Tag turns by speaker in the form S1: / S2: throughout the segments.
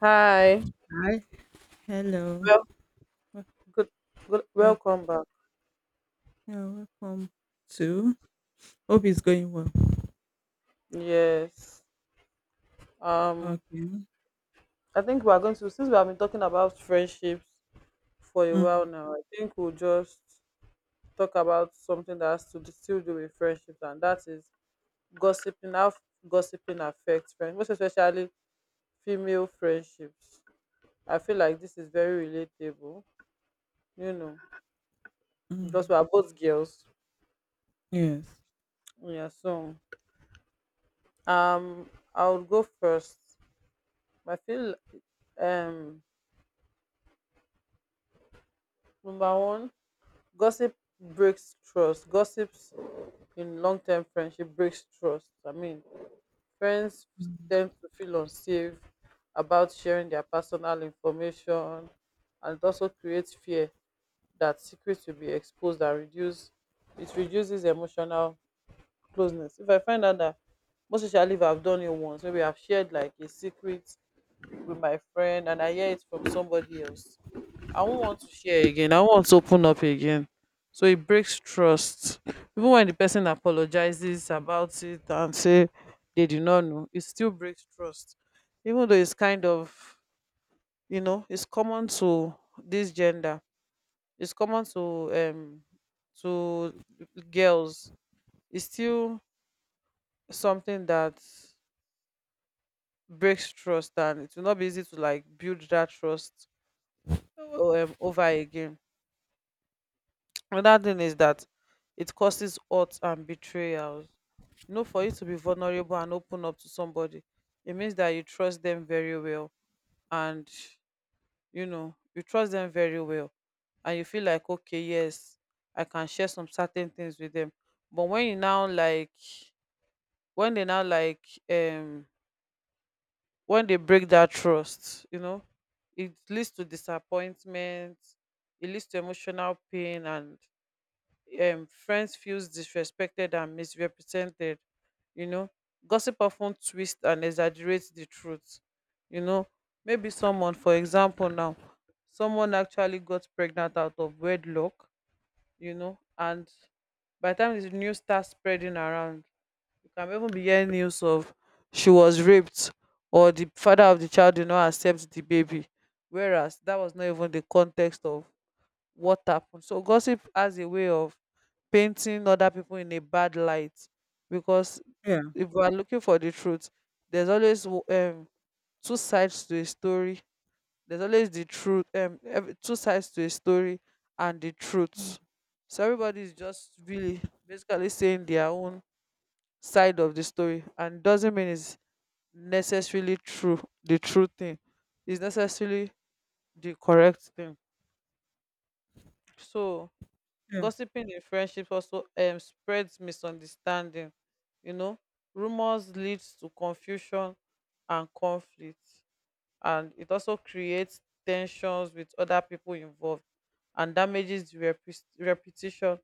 S1: Hi.
S2: Hi. Hello.
S1: Well,
S2: Wel-
S1: good, good.
S2: Yeah,
S1: Welcome back.
S2: yeah, welcome to. Hope it's going well.
S1: Yes. Um,
S2: Okay.
S1: I think we are going to since we have been talking about friendships for a while
S2: Mm,
S1: now. I think we'll just talk about something that still do with friendships, and that is gossiping. How gossiping affects friends, most especially female friendships. I feel like this is very relatable. You know, because
S2: mm,
S1: we are both girls.
S2: yes.
S1: Yeah. So, um, I will go first. I feel um number one, gossip breaks trust. Gossips in long term friendship breaks trust. I mean, friends
S2: Mm,
S1: tend to feel unsafe about sharing their personal information, and it also creates fear that secrets will be exposed and reduce it reduces emotional closeness. If I find out that most especially if I've done it once, maybe I've shared like a secret with my friend and I hear it from somebody else. I won't want to share again. I won't want to open up again. So it breaks trust. Even when the person apologizes about it and say they do not know, it still breaks trust. Even though it's kind of, it's common to this gender. It's common to um to girls. It's still something that breaks trust, and it will not be easy to like build that trust over again. Another thing is that it causes hurt and betrayals. For you to be vulnerable and open up to somebody, it means that you trust them very well. And you trust them very well. And you feel like, okay, yes, I can share some certain things with them. But when you now like, when they now like, when they break that trust, it leads to disappointment, it leads to emotional pain and friends feels disrespected and misrepresented you know Gossip often twists and exaggerates the truth you know Maybe someone, for example, now, someone actually got pregnant out of wedlock. And by the time the news starts spreading around, you can even be hearing news of she was raped or the father of the child did not accept the baby, whereas that was not even the context of what happened. So gossip has a way of painting other people in a bad light, because
S2: yeah.
S1: if we are looking for the truth, there's always two sides to a story. There's always the truth, two sides to a story and the
S2: Mm,
S1: truth. So everybody is just really basically saying their own side of the story, and doesn't mean it's necessarily true. The true thing is necessarily the correct thing. So
S2: yeah.
S1: gossiping in friendships also spreads misunderstanding. You know, Rumors leads to confusion and conflict, and it also creates tensions with other people involved and damages the reputation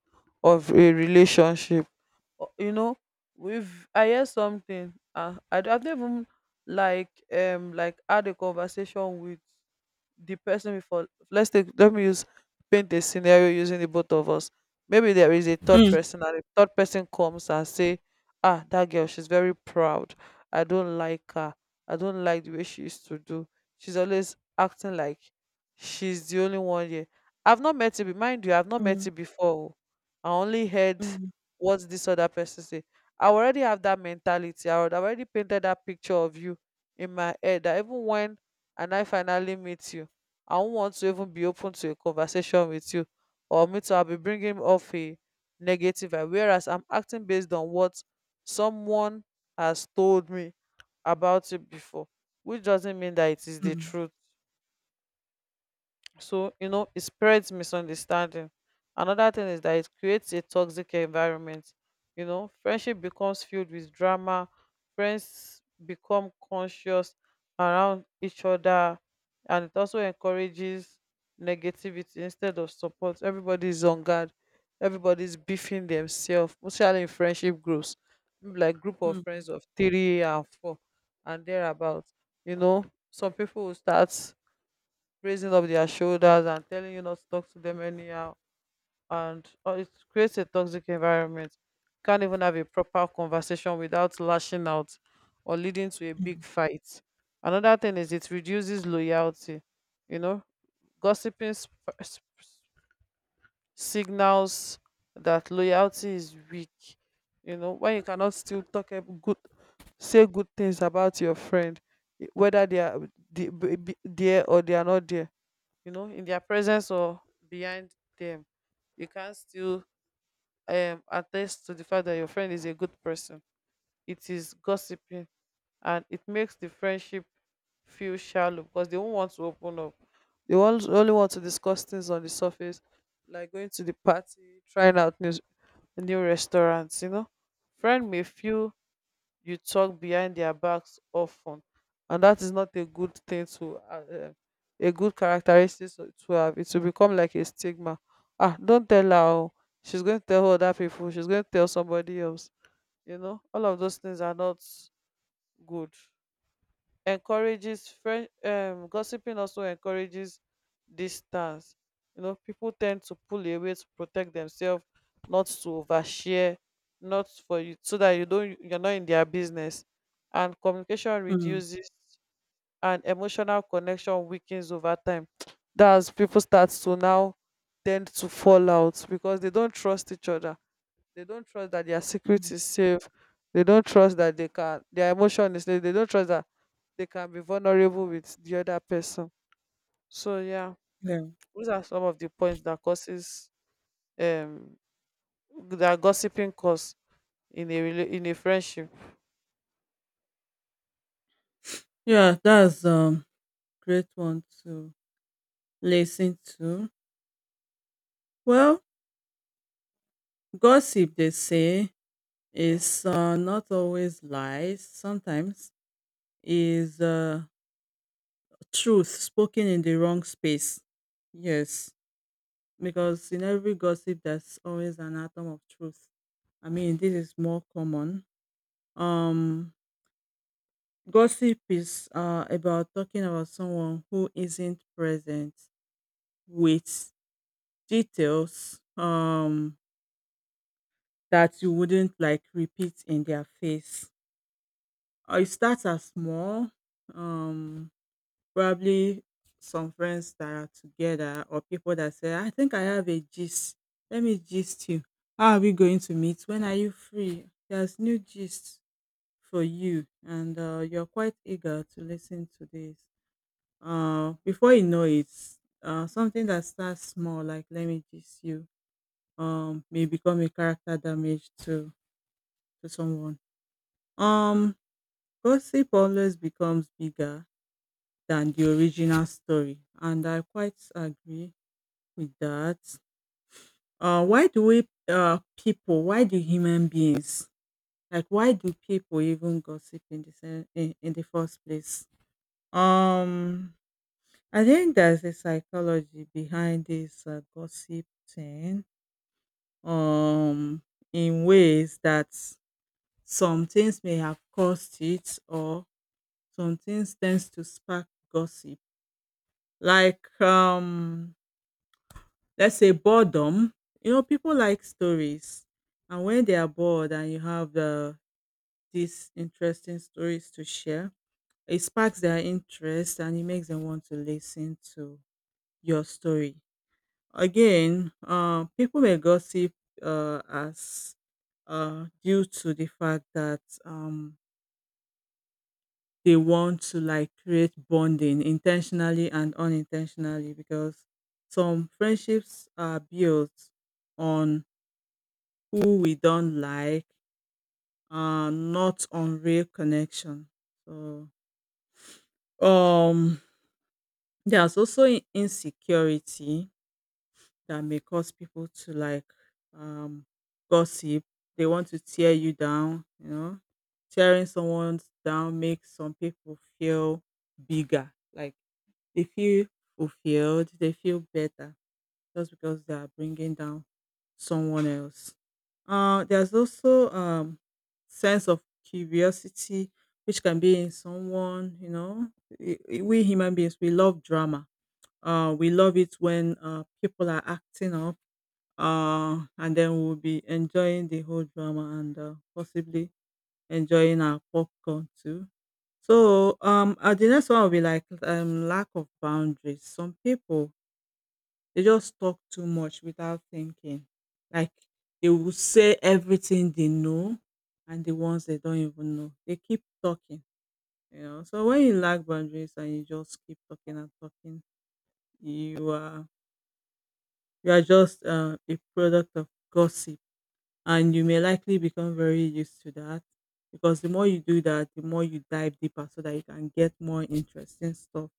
S1: of a relationship. O- You know, we've I hear something. I've not even had a conversation with the person before. Let's take let me use paint a scenario using the both of us. Maybe there is a third
S2: Mm,
S1: person, and a third person comes and say, ah, that girl, she's very proud. I don't like her. I don't like the way she used to do. She's always acting like she's the only one here. I've not met it. Mind you, I've not met
S2: mm,
S1: it before, oh. I only heard what this other person say. I already have that mentality. I would already painted that picture of you in my head, that even when and I finally meet you, I won't want to even be open to a conversation with you, or me to I'll be bringing off a negative vibe. Whereas I'm acting based on what someone has told me about it before, which doesn't mean that it is the
S2: mm,
S1: truth. So, it spreads misunderstanding. Another thing is that it creates a toxic environment. Friendship becomes filled with drama, friends become conscious around each other, and it also encourages negativity instead of support. Everybody's on guard, everybody's beefing themselves, especially in friendship groups, maybe like group of
S2: mm, mm,
S1: friends of three and four and thereabouts. You know, some people will start raising up their shoulders and telling you not to talk to them anyhow, and it creates a toxic environment. Can't even have a proper conversation without lashing out or leading to a
S2: mm,
S1: big fight. Another thing is it reduces loyalty. you know Gossiping signals that loyalty is weak. When you cannot still talk good, say good things about your friend, whether they are there or they are not there, you know, in their presence or behind them, you can still attest to the fact that your friend is a good person. It is gossiping. And it makes the friendship feel shallow because they won't want to open up. Only want to discuss things on the surface, like going to the party, trying out new restaurants. Friend may feel you talk behind their backs often, and that is not a good thing to a good characteristic to have. It will become like a stigma. Ah, don't tell her, oh. She's going to tell other people. She's going to tell somebody else. All of those things are not good. Encourages friend Gossiping also encourages distance. People tend to pull away to protect themselves, not to overshare, not for you, so that you're not in their business, and communication
S2: mm,
S1: reduces, and emotional connection weakens over time. That's people start to now tend to fall out because they don't trust each other. They don't trust that their secret
S2: mm,
S1: is safe. They don't trust that they can their emotion is safe. They don't trust that they can be vulnerable with the other person. So, yeah,
S2: yeah.
S1: those are some of the points that causes um that gossiping cause in a friendship.
S2: Yeah, that's great one to listen to. Well, gossip they say is not always lies. Sometimes is truth spoken in the wrong space. Yes, because in every gossip there's always an atom of truth. I mean, this is more common. Um, gossip is about talking about someone who isn't present with details that you wouldn't like repeat in their face. It starts as small. Um, Probably some friends that are together or people that say, I think I have a gist. Let me gist you. How are we going to meet? When are you free? There's new gist for you, and you're quite eager to listen to this. Before you know it, something that starts small, like let me gist you, may become a character damage to someone. Um, gossip always becomes bigger than the original story, and I quite agree with that. Why do we people? Why do human beings like? Why do people even gossip in the first place? Um, I think there's a psychology behind this gossip thing. Um, in ways that some things may have caused it, or some things tends to spark gossip. Like let's say boredom, people like stories. And when they are bored and you have these interesting stories to share, it sparks their interest and it makes them want to listen to your story. Again, people may gossip as due to the fact that they want to like create bonding intentionally and unintentionally, because some friendships are built on who we don't like, not on real connection. So, um, there's also insecurity that may cause people to like um, gossip. They want to tear you down. Tearing someone down makes some people feel bigger, like they feel fulfilled, they feel better just because they are bringing down someone else. There's also sense of curiosity, which can be in someone. You know, we human beings, we love drama. We love it when people are acting up, and then we'll be enjoying the whole drama and possibly enjoying our popcorn too. So the next one will be like lack of boundaries. Some people, they just talk too much without thinking. Like, they will say everything they know and the ones they don't even know. They keep talking. So when you lack boundaries and you just keep talking and talking, you are you are just a product of gossip, and you may likely become very used to that, because the more you do that, the more you dive deeper so that you can get more interesting stuff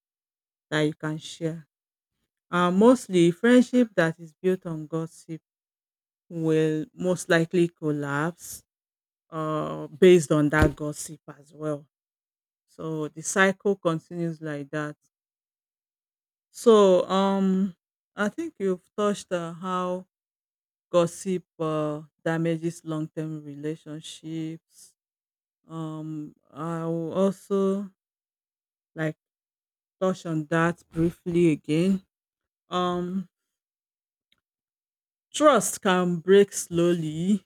S2: that you can share. Mostly friendship that is built on gossip will most likely collapse based on that gossip as well. So the cycle continues like that. So I think you've touched on how gossip damages long-term relationships. I will also like touch on that briefly again. Um, trust can break slowly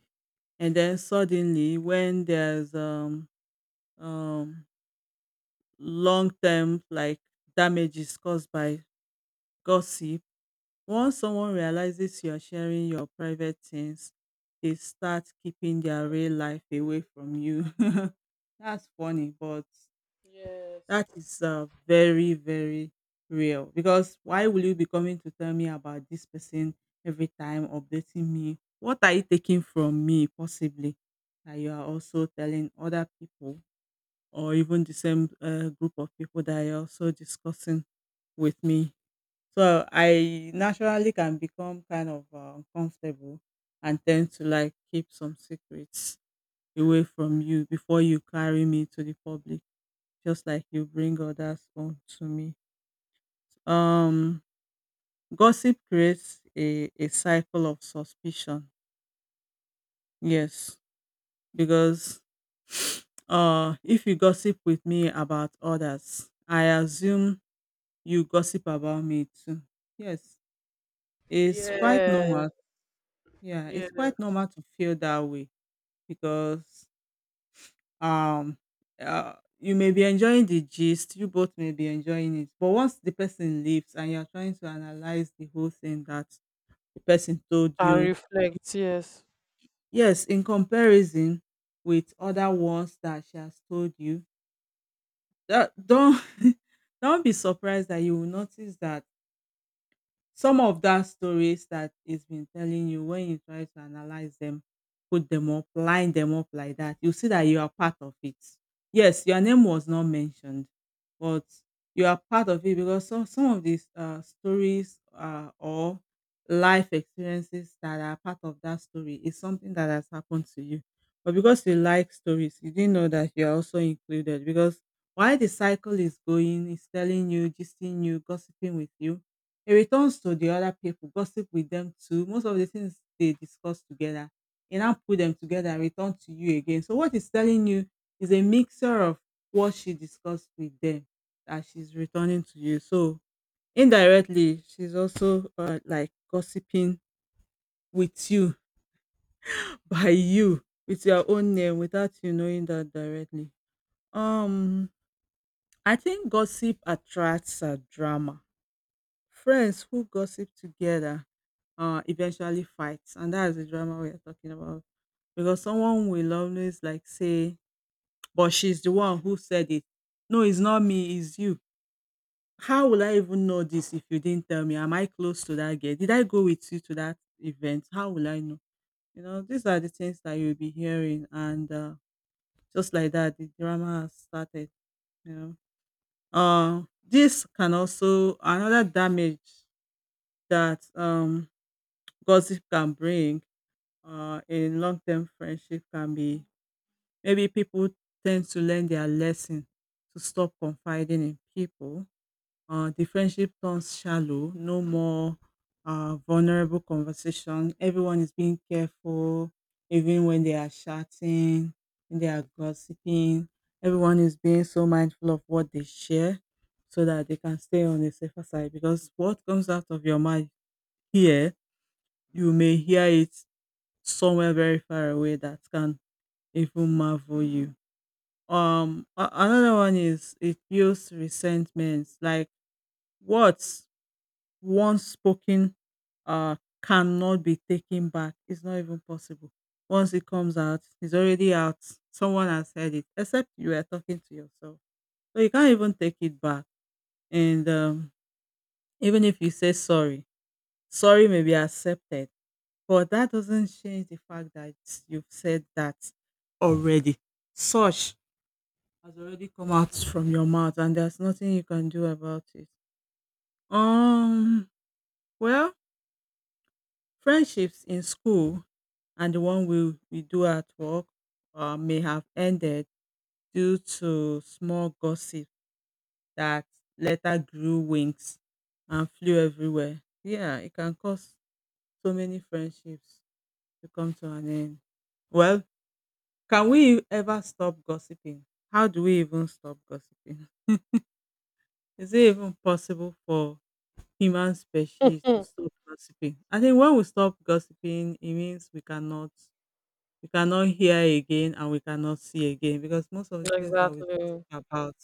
S2: and then suddenly, when there's um long term like damages caused by gossip. Once someone realizes you're sharing your private things, they start keeping their real life away from you. That's funny, but
S1: Yes.
S2: that is very, very real. Because why will you be coming to tell me about this person every time, updating me? What are you taking from me, possibly, that you are also telling other people? Or even the same group of people that are also discussing with me. So I naturally can become kind of uncomfortable and tend to like keep some secrets away from you before you carry me to the public, just like you bring others on to me. Um, gossip creates a cycle of suspicion. Yes, because if you gossip with me about others, I assume you gossip about me too. Yes, it's quite
S1: Yes.
S2: normal. Yeah,
S1: Yeah.
S2: it's quite normal to feel that way, because um you may be enjoying the gist, you both may be enjoying it. But once the person leaves and you're trying to analyze the whole thing that the person told
S1: And
S2: you,
S1: reflect yes.
S2: yes, in comparison with other ones that she has told you, that don't don't be surprised that you will notice that some of that stories that it has been telling you, when you try to analyze them, put them up, line them up like that, you see that you are part of it. Yes, your name was not mentioned, but you are part of it, because some of these stories or life experiences that are part of that story is something that has happened to you. But because you like stories, you didn't know that you're also included, because while the cycle is going, it's telling you, gisting you, gossiping with you. He returns to the other people, gossip with them too. Most of the things they discuss together, he now put them together and return to you again. So what he's telling you is a mixture of what she discussed with them that she's returning to you. So indirectly, she's also like gossiping with you by you with your own name without you knowing that directly. Um, I think gossip attracts drama. Friends who gossip together eventually fight, and that's the drama we are talking about. Because someone will always like say, "But she's the one who said it." No, it's not me. It's you. How will I even know this if you didn't tell me? Am I close to that girl? Did I go with you to that event? How will I know? You know, these are the things that you'll be hearing, and just like that, the drama has started. You know, this can also another damage that gossip can bring in long-term friendship, can be maybe people tend to learn their lesson to stop confiding in people. The friendship turns shallow, no more vulnerable conversation. Everyone is being careful, even when they are chatting, when they are gossiping. Everyone is being so mindful of what they share so that they can stay on the safer side, because what comes out of your mouth here, you may hear it somewhere very far away that can even marvel you. Another one is it feels resentment, like words once spoken, uh, cannot be taken back. It's not even possible. Once it comes out, it's already out. Someone has said it, except you are talking to yourself, so you can't even take it back. And even if you say sorry, sorry may be accepted. But that doesn't change the fact that you've said that already. Such has already come out from your mouth and there's nothing you can do about it. Um well, friendships in school and the one we do at work may have ended due to small gossip that later grew wings and flew everywhere. Yeah, it can cause so many friendships to come to an end. Well, can we ever stop gossiping? How do we even stop gossiping? Is it even possible for human species to stop gossiping? I think when we stop gossiping, it means we cannot, we cannot hear again and we cannot see again, because most of the
S1: Mhm.
S2: things that we
S1: Exactly.
S2: gossip about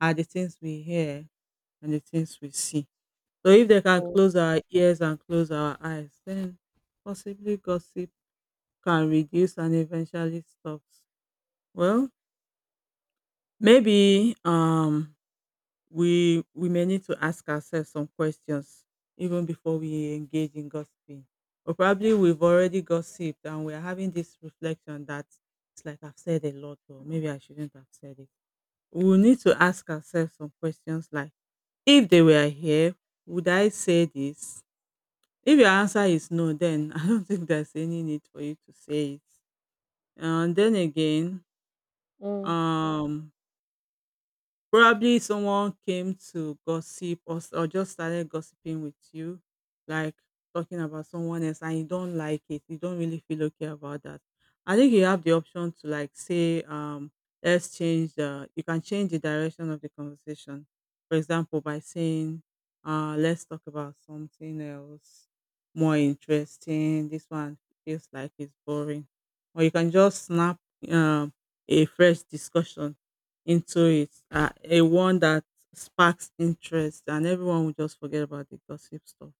S2: are the things we hear and the things we see. So if they can
S1: Mm.
S2: close our ears and close our eyes, then possibly gossip can reduce and eventually stops. Well, maybe we may need to ask ourselves some questions even before we engage in gossiping. Or probably we've already gossiped and we're having this reflection that it's like I've said a lot, or maybe I shouldn't have said it. We will need to ask ourselves some questions like, if they were here, would I say this? If your answer is no, then I don't think there's any need for you to say it. And then again,
S1: Mm.
S2: um Probably someone came to gossip, or just started gossiping with you, like talking about someone else, and you don't like it. You don't really feel okay about that. I think you have the option to like say, let's change the. you can change the direction of the conversation. For example, by saying, let's talk about something else more interesting. This one feels like it's boring, or you can just snap um, a fresh discussion into it, a one that sparks interest, and everyone will just forget about the gossip stuff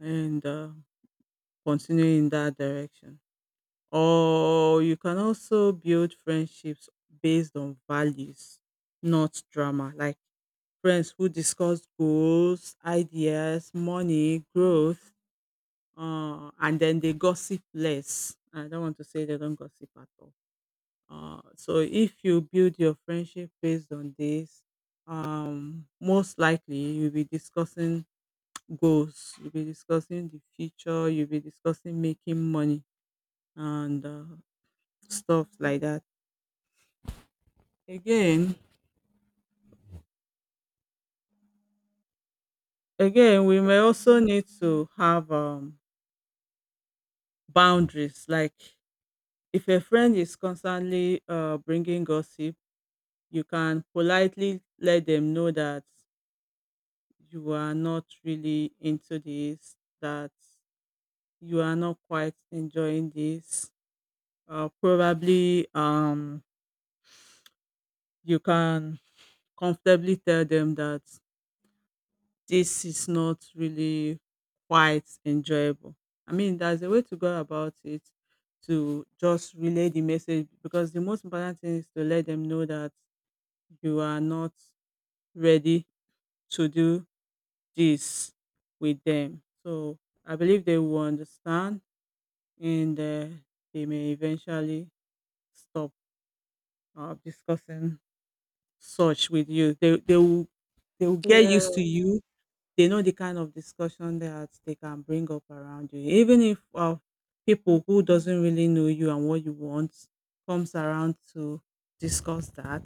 S2: and continue in that direction. Or you can also build friendships based on values, not drama. Like friends who discuss goals, ideas, money, growth, and then they gossip less. I don't want to say they don't gossip at all. So if you build your friendship based on this, most likely you'll be discussing goals, you'll be discussing the future, you'll be discussing making money and stuff like that. Again, again, we may also need to have boundaries. Like if a friend is constantly bringing gossip, you can politely let them know that you are not really into this, that you are not quite enjoying this, probably you can comfortably tell them that this is not really quite enjoyable. I mean, there's a way to go about it, to just relay the message, because the most important thing is to let them know that you are not ready to do this with them. So I believe they will understand, and they may eventually stop or discussing such with you. They will, they will get
S1: Yeah.
S2: used to you. They know the kind of discussion that they can bring up around you. Even if people who doesn't really know you and what you want comes around to discuss that,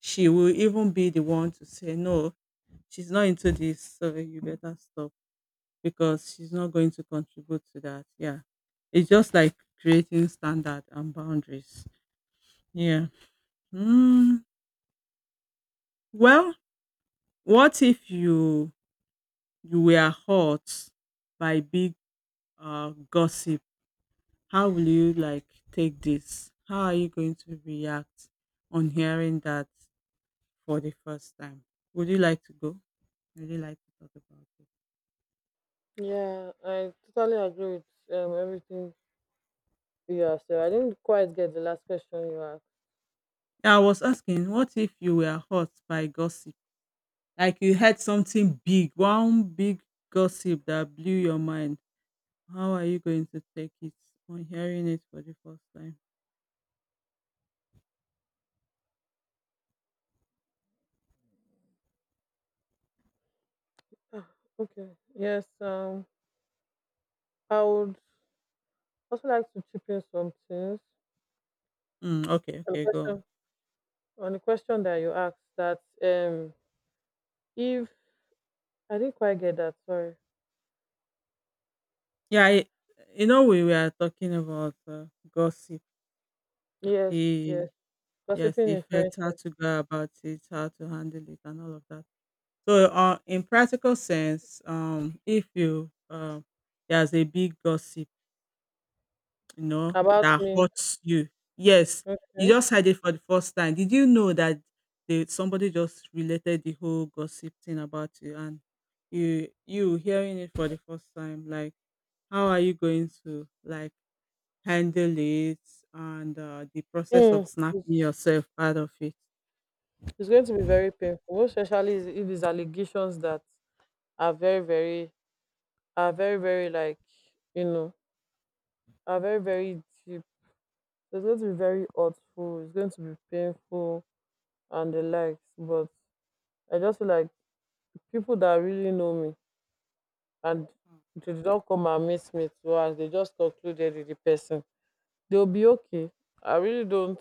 S2: she will even be the one to say no. She's not into this, so you better stop because she's not going to contribute to that. Yeah, it's just like creating standard and boundaries. Yeah. Mm, well, what if you were hurt by big gossip? How will you like take this? How are you going to react on hearing that for the first time? Would you like to go? Would you like to talk about it?
S1: Yeah, I totally agree with everything. Yeah, so I didn't quite get the last question you asked.
S2: Yeah, I was asking, what if you were hurt by gossip? Like you heard something big, one big gossip that blew your mind. How are you going to take it on hearing it for the first time?
S1: Ah, okay. Yes, I would also like to chip in some things
S2: Mm, okay,
S1: on the
S2: okay, go on.
S1: question that you asked that, if I didn't quite get that, sorry.
S2: Yeah, I you know, we were talking about gossip,
S1: Yes,
S2: the—
S1: yes.
S2: yes,
S1: Gossiping
S2: the
S1: in
S2: effect, how
S1: friendship
S2: to go about it, how to handle it, and all of that. So, in practical sense, if you there's a big gossip, you know,
S1: about
S2: that
S1: me.
S2: hurts you. Yes, you
S1: Okay.
S2: just heard it for the first time. Did you know that they, somebody just related the whole gossip thing about you, and you hearing it for the first time? Like, how are you going to like handle it and the process
S1: Mm,
S2: of snapping
S1: it's,
S2: yourself out of it.
S1: it's going to be very painful, most especially if it's allegations that are very, very are very, very like, you know, are very, very deep. So it's going to be very hurtful, it's going to be painful and the likes. But I just feel like people that really know me, and they did not come and meet me twice, they just concluded with the person. They'll be okay. I really don't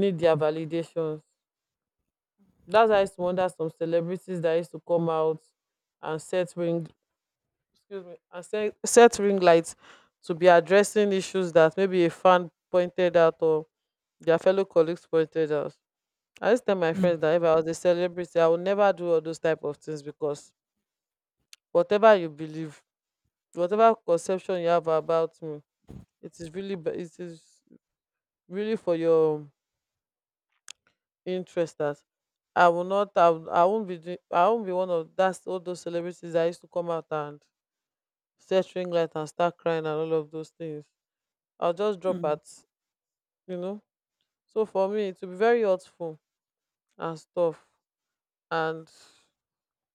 S1: need their validations. That's why I used to wonder some celebrities that used to come out and set ring, excuse me, and set ring lights to be addressing issues that maybe a fan pointed out or their fellow colleagues pointed out. I used to tell my
S2: Mm,
S1: friends that if I was a celebrity, I would never do all those type of things, because whatever you believe, whatever conception you have about me, it is really, it is really for your interest that I will not, I, will- I won't be one of that's all those celebrities that used to come out and set ring light and start crying and all of those things. I'll just drop
S2: mm,
S1: at, you know. So for me, it will be very hurtful and stuff. And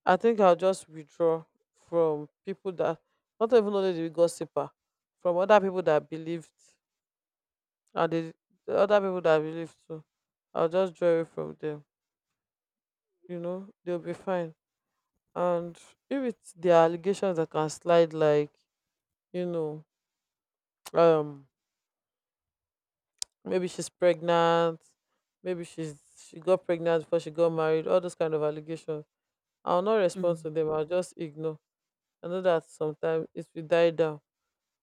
S1: I think I'll just withdraw from people that not even only the gossiper, from other people that believed, and the other people that believed too. I'll just draw away from them. They'll be fine. And if it's the allegations that can slide like, you know, um maybe she's pregnant, maybe she got pregnant before she got married, all those kind of allegations. I'll not respond
S2: mm.
S1: to them. I'll just ignore. I know that sometimes it will die down.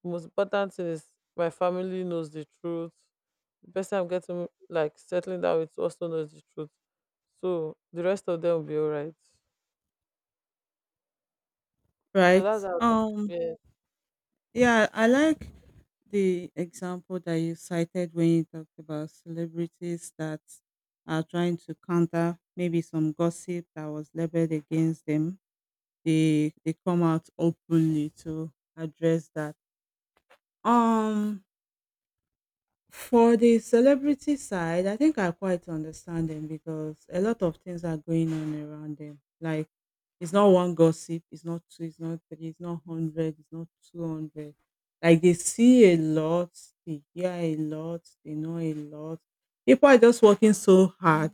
S1: Most important thing is, my family knows the truth. The person I'm getting like settling down with also knows the truth. So the rest of them will be alright. So
S2: Right.
S1: that's how that.
S2: Um.
S1: Yeah.
S2: Yeah, I like the example that you cited when you talked about celebrities that are trying to counter maybe some gossip that was leveled against them. They come out openly to address that. Um. For the celebrity side, I think I quite understand them because a lot of things are going on around them. Like it's not one gossip, it's not two, it's not three, it's not hundred, it's not 200. Like they see a lot, they hear a lot, they know a lot. People are just working so hard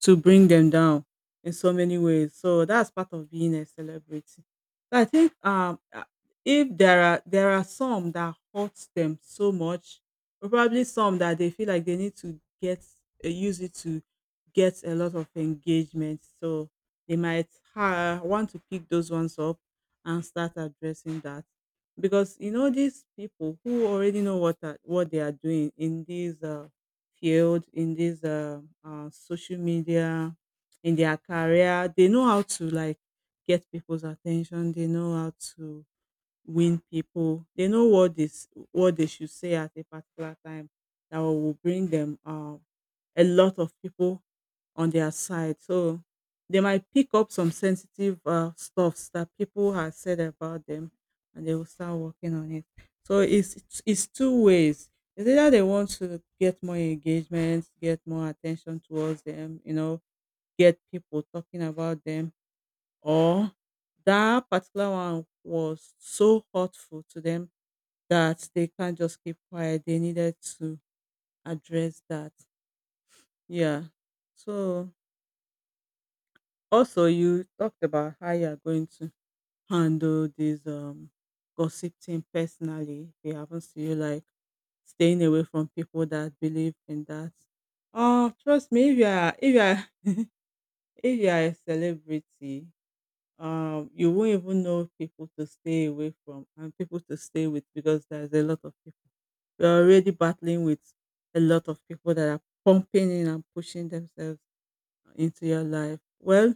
S2: to bring them down in so many ways. So that's part of being a celebrity. So I think if there are some that hurts them so much, or probably some that they feel like they need to get use it to get a lot of engagement. So they might want to pick those ones up and start addressing that, because you know these people who already know what are, what they are doing in these field, in this social media, in their career, they know how to like get people's attention, they know how to win people. They know what this, what they should say at a particular time that will bring them a lot of people on their side. So they might pick up some sensitive stuffs that people have said about them, and they will start working on it. So it's two ways. It's either they want to get more engagement, get more attention towards them, you know, get people talking about them, or that particular one was so hurtful to them that they can't just keep quiet. They needed to address that. Yeah. So also you talked about how you are going to handle this gossiping personally. If it happens to you, like staying away from people that believe in that. Oh, trust me, if you are if you are if you are a celebrity, you won't even know people to stay away from and people to stay with, because there's a lot of people. We're already battling with a lot of people that are pumping in and pushing themselves into your life. Well,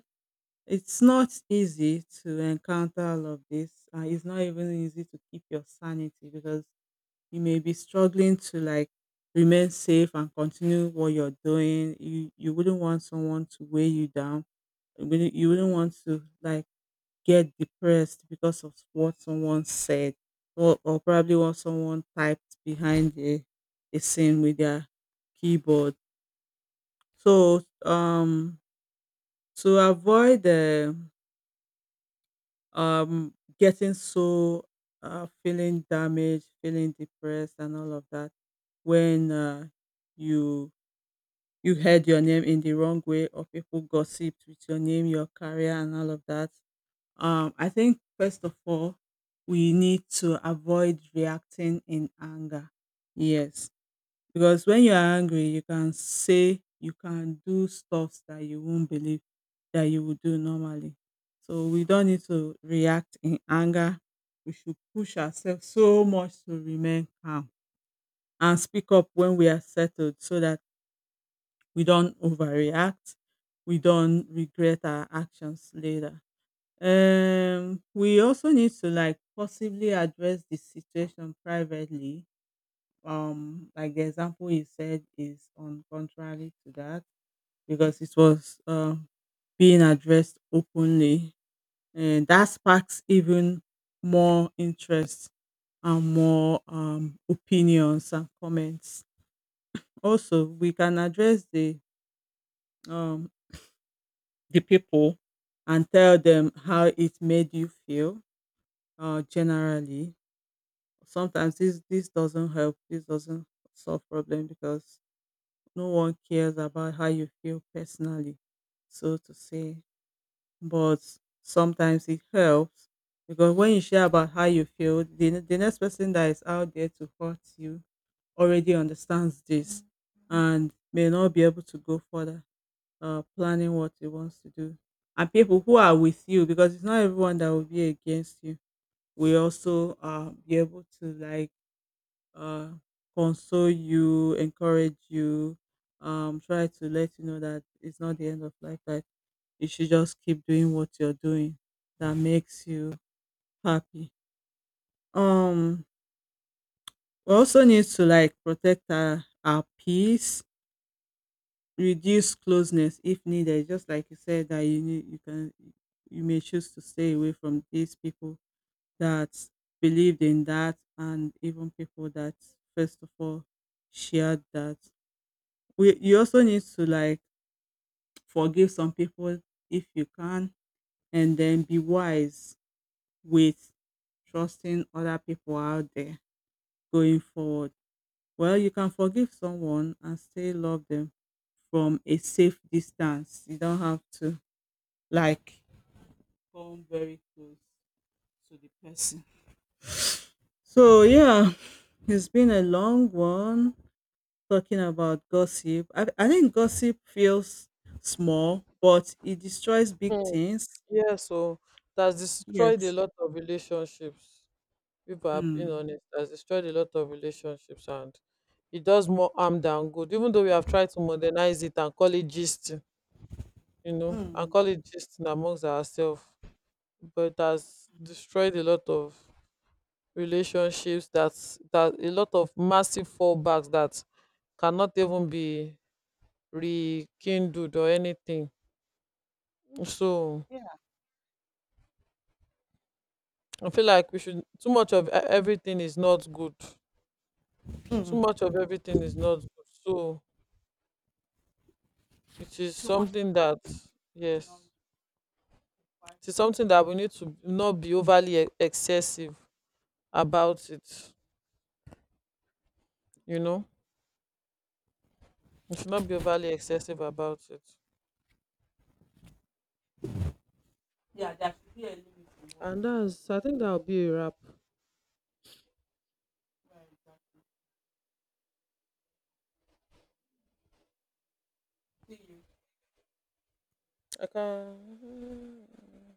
S2: it's not easy to encounter all of this. It's not even easy to keep your sanity, because you may be struggling to like remain safe and continue what you're doing. You wouldn't want someone to weigh you down. You wouldn't want to like get depressed because of what someone said, or probably what someone typed behind the scene with their keyboard. So to avoid um getting so feeling damaged, feeling depressed and all of that, when you you heard your name in the wrong way, or people gossiped with your name, your career and all of that. I think first of all, we need to avoid reacting in anger. Yes, because when you are angry, you can say, you can do stuff that you won't believe that you would do normally. So we don't need to react in anger. We should push ourselves so much to remain calm and speak up when we are settled, so that we don't overreact, we don't regret our actions later. We also need to like possibly address the situation privately. Like the example you said is on contrary to that, because it was being addressed openly, and that sparks even more interest and more opinions and comments. Also, we can address um the people and tell them how it made you feel generally. Sometimes this doesn't help, this doesn't solve problem, because no one cares about how you feel personally, so to say. But sometimes it helps, because when you share about how you feel, the next person that is out there to hurt you already understands this and may not be able to go further planning what he wants to do. And people who are with you, because it's not everyone that will be against you, will also be able to like uh, console you, encourage you, try to let you know that it's not the end of life, that you should just keep doing what you're doing that makes you happy. Um, we also need to like protect our peace, reduce closeness if needed. Just like you said that you can, you may choose to stay away from these people that believed in that, and even people that first of all shared that. We You also need to like forgive some people if you can, and then be wise with trusting other people out there going forward. Well, you can forgive someone and still love them from a safe distance. You don't have to like come very close to the person. So yeah, it's been a long one talking about gossip. I think gossip feels small but it destroys big
S1: Mm.
S2: things.
S1: Yeah, so that's destroyed a
S2: Yes.
S1: lot of relationships. People are being
S2: Mm.
S1: honest, that's destroyed a lot of relationships, and it does more harm than good. Even though we have tried to modernize it and call it gist, and
S2: Mm.
S1: call it gist amongst ourselves, but it has destroyed a lot of relationships, that a lot of massive fallbacks that cannot even be rekindled or anything. So
S2: Yeah.
S1: I feel like we should too much of everything is not good. Too much of everything is not good. So it is
S2: Too much
S1: something
S2: of
S1: that
S2: everything is not
S1: yes,
S2: required.
S1: it is something that we need to not be overly excessive about it. You know, we should not be overly excessive about it.
S2: Yeah, there should be a limit in what we
S1: And
S2: do, I
S1: that's I think that'll be a wrap.
S2: think.
S1: I can.